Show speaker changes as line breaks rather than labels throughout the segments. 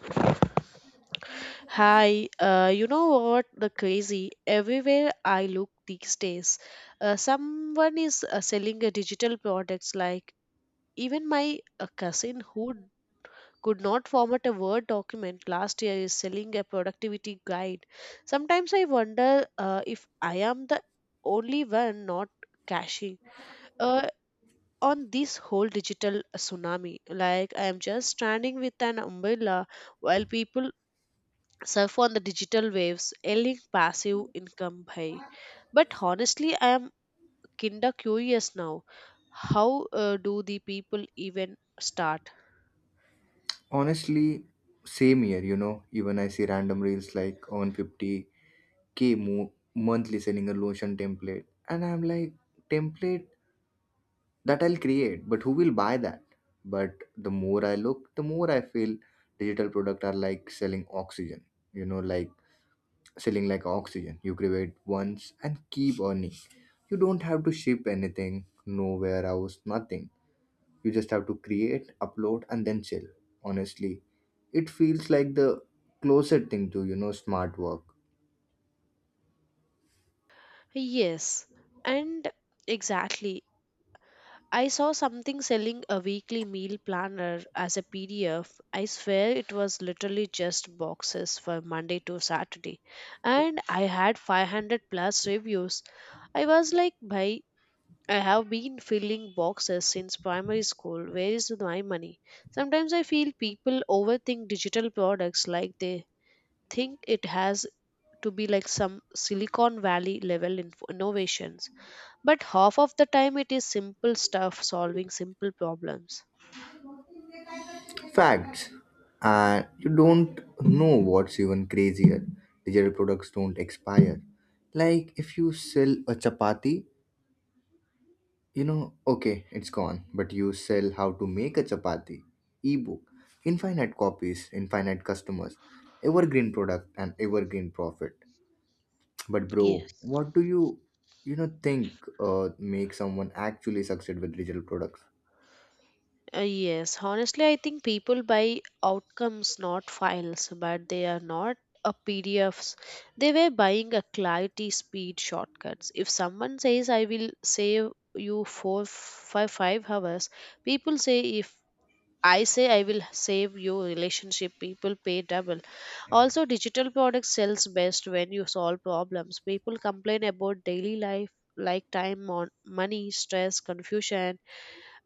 Hi. You know what? The crazy. Everywhere I look these days, someone is selling a digital products. Like even my cousin who could not format a Word document last year is selling a productivity guide. Sometimes I wonder if I am the only one not cashing uh, on this whole digital tsunami. Like I am just standing with an umbrella while people surf on the digital waves, earning passive income by. But honestly, I am kinda curious now. How do the people even start?
Honestly, same year, you know, even I see random reels like on 50K monthly selling a lotion template, and I'm like, template that I'll create, but who will buy that? But the more I look, the more I feel digital product are like selling oxygen, you know, like selling like oxygen. You create once and keep earning. You don't have to ship anything, no warehouse, nothing. You just have to create, upload, and then chill. Honestly, it feels like the closest thing to, you know, smart work.
Yes, and exactly. I saw something selling a weekly meal planner as a PDF. I swear it was literally just boxes for Monday to Saturday. And I had 500 plus reviews. I was like, bhai, I have been filling boxes since primary school. Where is my money? Sometimes I feel people overthink digital products like they think it has to be like some Silicon Valley level innovations. But half of the time it is simple stuff solving simple problems.
Facts. And you don't know what's even crazier. Digital products don't expire. Like if you sell a chapati, you know, okay, it's gone, but you sell how to make a chapati, ebook, infinite copies, infinite customers, evergreen product, and evergreen profit. But bro,
Yes.
what do you you know think make someone actually succeed with digital products?
Yes, honestly, I think people buy outcomes, not files, but they are not a PDFs. They were buying a clarity speed shortcuts. If someone says, I will save you 5 hours, people say, if I say I will save you relationship, people pay double. Also, digital products sells best when you solve problems. People complain about daily life like time, money, stress, confusion,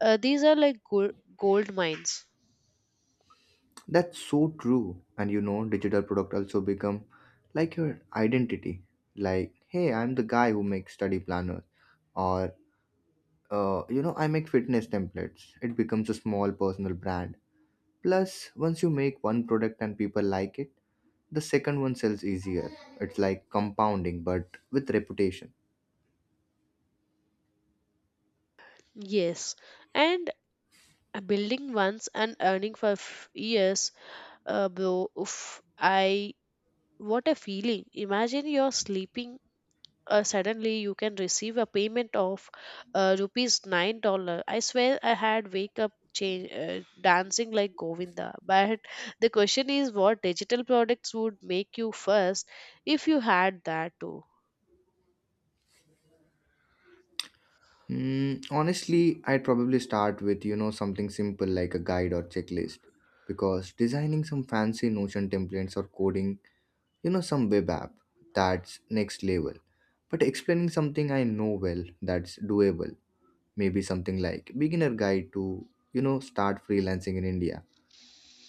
these are like gold mines.
That's so true. And you know, digital product also become like your identity. Like, hey, I'm the guy who makes study planners, or you know, I make fitness templates. It becomes a small personal brand. Plus, once you make one product and people like it, the second one sells easier. It's like compounding, but with reputation.
Yes, and building once and earning for years, bro. Oof, I, what a feeling! Imagine you're sleeping. Suddenly, you can receive a payment of rupees 9 dollars. I swear, I had wake up change dancing like Govinda. But the question is, what digital products would make you first if you had that too?
Honestly, I'd probably start with, you know, something simple like a guide or checklist, because designing some fancy Notion templates or coding, you know, some web app, that's next level. But explaining something I know well, that's doable. Maybe something like beginner guide to, you know, start freelancing in India.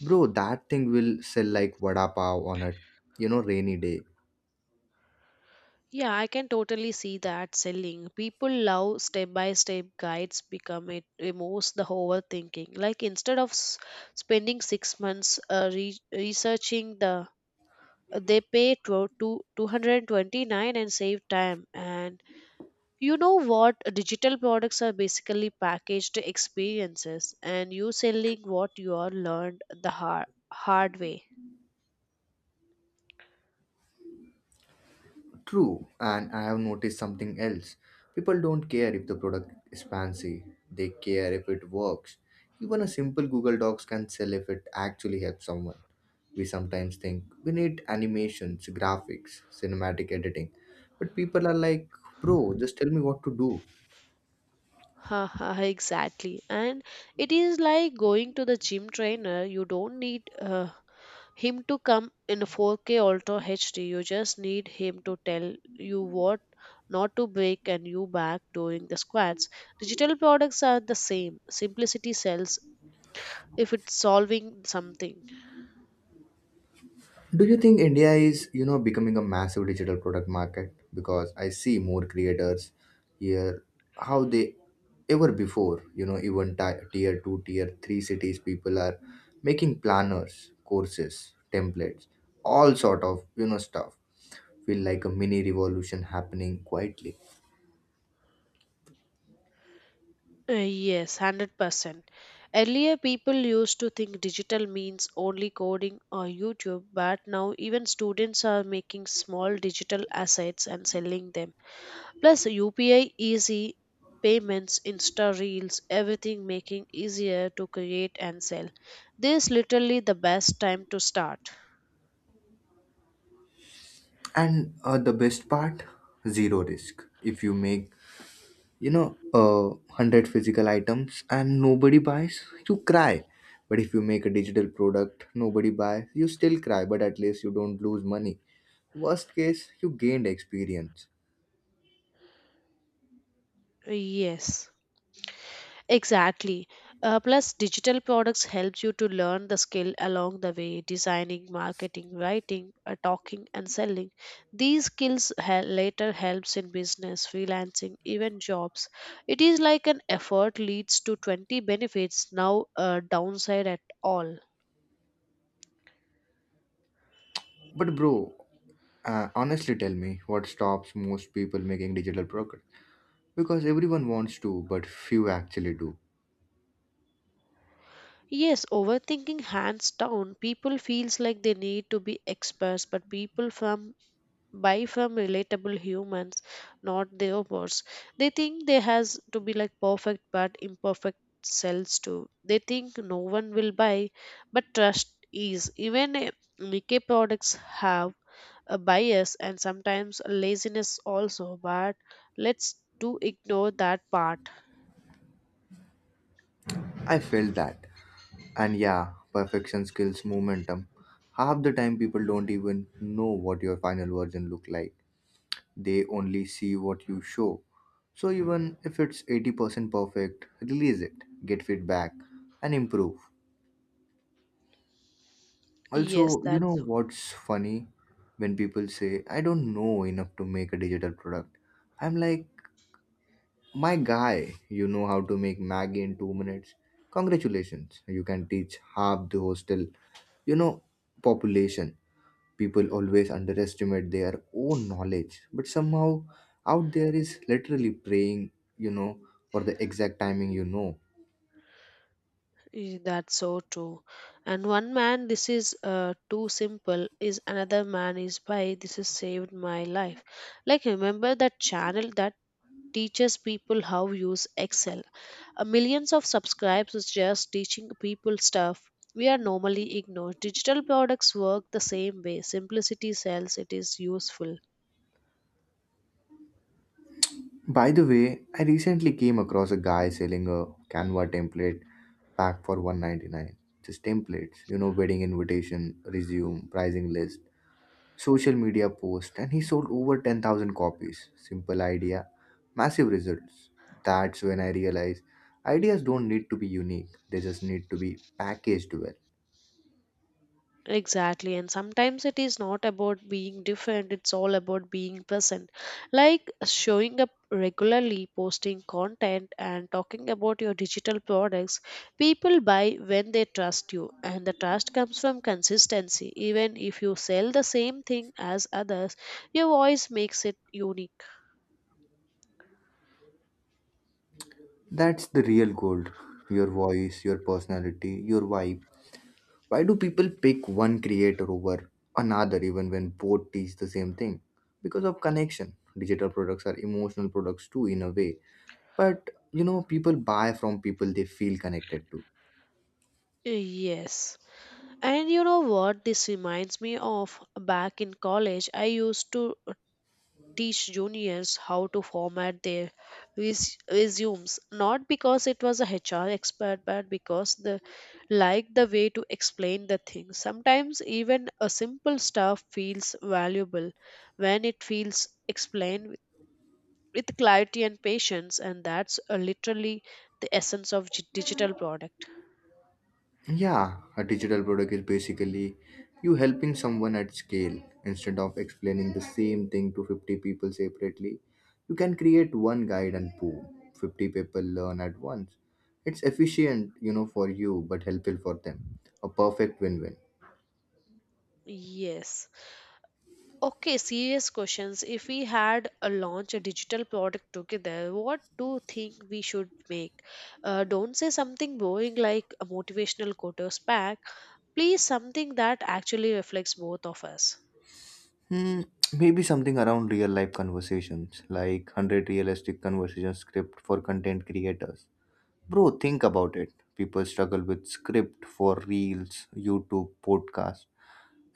Bro, that thing will sell like vada pav on a, you know, rainy day.
Yeah, I can totally see that selling. People love step by step guides become it removes the overthinking. Like instead of spending 6 months researching the, they pay two hundred twenty nine and save time. And you know what? Digital products are basically packaged experiences, and you selling what you are learned the hard way.
True, and I have noticed something else. People don't care if the product is fancy, they care if it works. Even a simple Google Docs can sell if it actually helps someone. We sometimes think we need animations, graphics, cinematic editing, but people are like, bro, just tell me what to do.
Ha, ha, ha, exactly. And it is like going to the gym trainer. You don't need him to come in a 4K Ultra HD. You just need him to tell you what not to break and you back during the squats. Digital products are the same. Simplicity sells if it's solving something.
Do you think India is, you know, becoming a massive digital product market? Because I see more creators here how they ever before, you know, even tier 2, tier 3 cities people are making planners, courses, templates, all sort of, you know, stuff. Feel like a mini revolution happening quietly.
Yes, 100%. Earlier, people used to think digital means only coding or YouTube, but now even students are making small digital assets and selling them. Plus, UPI easy payments, Insta Reels, everything making easier to create and sell. This literally the best time to start.
And the best part, zero risk. If you make, you know, 100 physical items and nobody buys, you cry. But if you make a digital product nobody buys, you still cry, but at least you don't lose money. Worst case, you gained experience.
Yes. Exactly. Plus, digital products helps you to learn the skill along the way, designing, marketing, writing, talking, and selling. These skills later helps in business, freelancing, even jobs. It is like an effort leads to 20 benefits, now a downside at all.
But bro, honestly tell me, what stops most people making digital progress, because everyone wants to but few actually do?
Yes, overthinking hands down. People feels like they need to be experts, but people from buy from relatable humans, not their bots. They think they has to be like perfect but imperfect sells too. They think no one will buy, but trust is. Even Nikkei products have a bias and sometimes a laziness also, but let's do ignore that part.
I felt that. And yeah, perfection skills momentum. Half the time people don't even know what your final version look like. They only see what you show. So even if it's 80% perfect, release it, get feedback, and improve.
Yes,
Also, you know
that's
what's funny? When people say, I don't know enough to make a digital product, I'm like, my guy, you know how to make Maggie in 2 minutes. Congratulations, you can teach half the hostel, you know, population. People always underestimate their own knowledge, but somehow out there is literally praying, you know, for the exact timing you know.
Eh, that's so true. And one man, this is too simple, is another man is by this has saved my life. Like, remember that channel that teaches people how use Excel. Millions of subscribes is just teaching people stuff we are normally ignored. Digital products work the same way. Simplicity sells, it is useful.
By the way, I recently came across a guy selling a Canva template pack for 199. Just templates, you know, wedding invitation, resume, pricing list, social media post, and he sold over 10,000 copies. Simple idea, massive results. That's when I realized ideas don't need to be unique, they just need to be packaged well.
Exactly, and sometimes it is not about being different, it's all about being present. Like showing up regularly, posting content, and talking about your digital products. People buy when they trust you, and the trust comes from consistency. Even if you sell the same thing as others, your voice makes it unique.
That's the real gold. Your voice, your personality, your vibe. Why do people pick one creator over another even when both teach the same thing? Because of connection. Digital products are emotional products too, in a way. But you know, people buy from people they feel connected to.
Yes. And you know what this reminds me of? Back in college, I used to teach juniors how to format their resumes, not because it was a HR expert, but because they liked the way to explain the thing. Sometimes even a simple stuff feels valuable when it feels explained with clarity and patience, and that's literally the essence of digital product.
Yeah, a digital product is basically you helping someone at scale. Instead of explaining the same thing to 50 people separately, you can create one guide and boom, 50 people learn at once. It's efficient, you know, for you, but helpful for them. A perfect win-win.
Yes. Okay, serious questions. If we had a launch a digital product together, what do you think we should make? Don't say something boring like a motivational quotes pack. Please, something that actually reflects both of us.
Hmm, maybe something around real-life conversations, like 100 realistic conversation script for content creators. Bro, think about it. People struggle with script for reels, YouTube, podcast,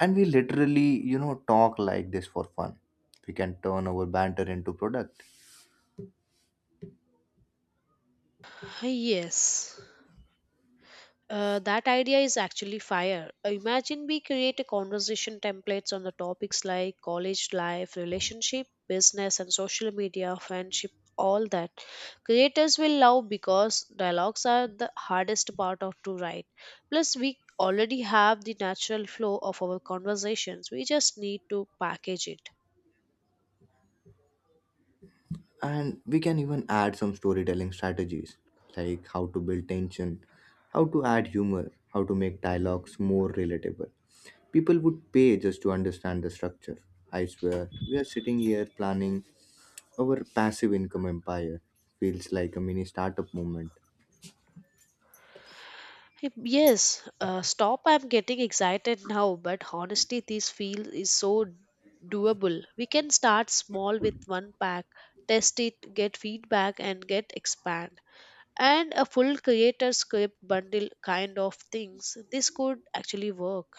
and we literally, you know, talk like this for fun. We can turn our banter into product.
Yes. That idea is actually fire. Imagine we create a conversation templates on the topics like college life, relationship, business, and social media, friendship, all that. Creators will love because dialogues are the hardest part of to write. Plus, we already have the natural flow of our conversations. We just need to package it.
And we can even add some storytelling strategies, like how to build tension, how to add humor, how to make dialogues more relatable. People would pay just to understand the structure. I swear, we are sitting here planning our passive income empire. Feels like a mini startup movement.
Hey, yes, stop. I'm getting excited now, but honestly, this feel is so doable. We can start small with one pack, test it, get feedback, and get expand. And a full creator script bundle kind of things. This could actually work.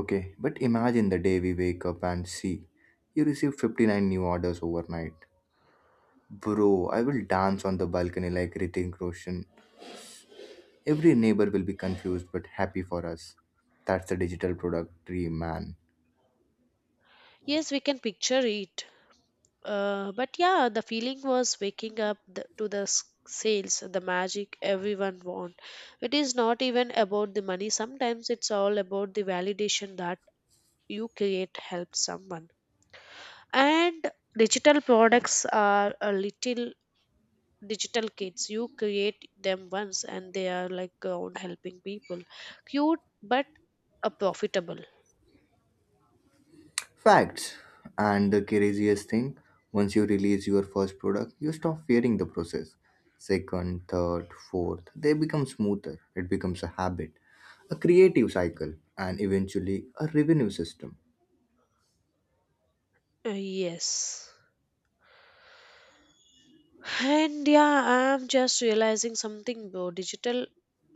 Okay, but imagine the day we wake up and see you receive 59 new orders overnight. Bro, I will dance on the balcony like Ritik Roshan. Every neighbor will be confused but happy for us. That's the digital product dream, man.
Yes, we can picture it. But yeah, the feeling was waking up the, to the sales, the magic everyone want, it is not even about the money, sometimes it's all about the validation that you create help someone, and digital products are a little digital kids, you create them once and they are like around helping people, cute but a profitable.
Facts. And the craziest thing, once you release your first product, you stop fearing the process. Second, third, fourth, they become smoother. It becomes a habit, a creative cycle, and eventually a revenue system.
Yes, and yeah, I'm just realizing something, bro. Digital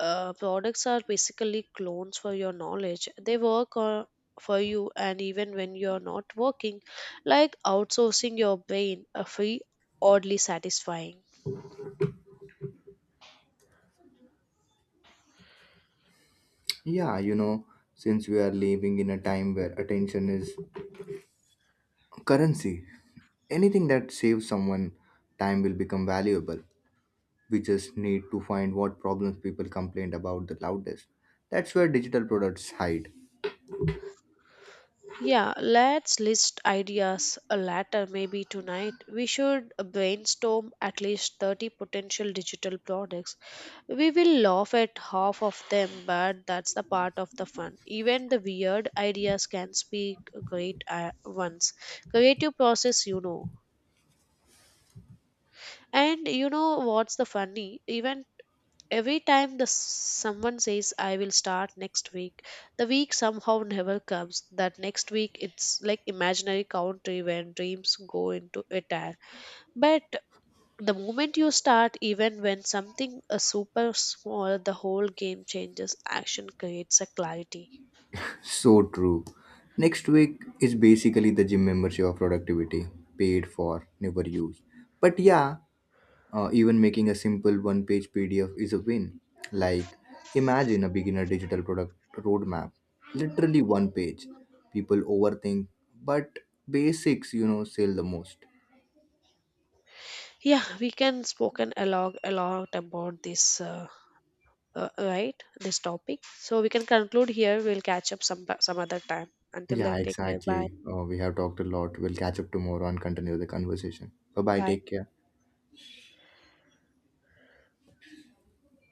products are basically clones for your knowledge, they work for you and even when you're not working, like outsourcing your brain a free, oddly satisfying.
Yeah, you know, since we are living in a time where attention is currency. Anything that saves someone time will become valuable. We just need to find what problems people complained about the loudest. That's where digital products hide.
Yeah, let's list ideas a later, maybe tonight. We should brainstorm at least 30 potential digital products. We will laugh at half of them, but that's the part of the fun. Even the weird ideas can speak great ones. Creative process, you know. And you know what's the funny? Even Every time the someone says I will start next week, the week somehow never comes. That next week it's like imaginary country when dreams go into attack. But the moment you start, even when something is super small, the whole game changes. Action creates a clarity.
So true. Next week is basically the gym membership of productivity, paid for, never used. But yeah, even making a simple one page PDF is a win. Like, imagine a beginner digital product roadmap, literally one page. People overthink, but basics, you know, sell the most.
Yeah, we can spoken a lot about this, right? This topic. So we can conclude here. We'll catch up some other time. Until
Yeah,
then, take care. Bye.
exactly. We have talked a lot. We'll catch up tomorrow and continue the conversation. Bye bye. Take
Bye.
care.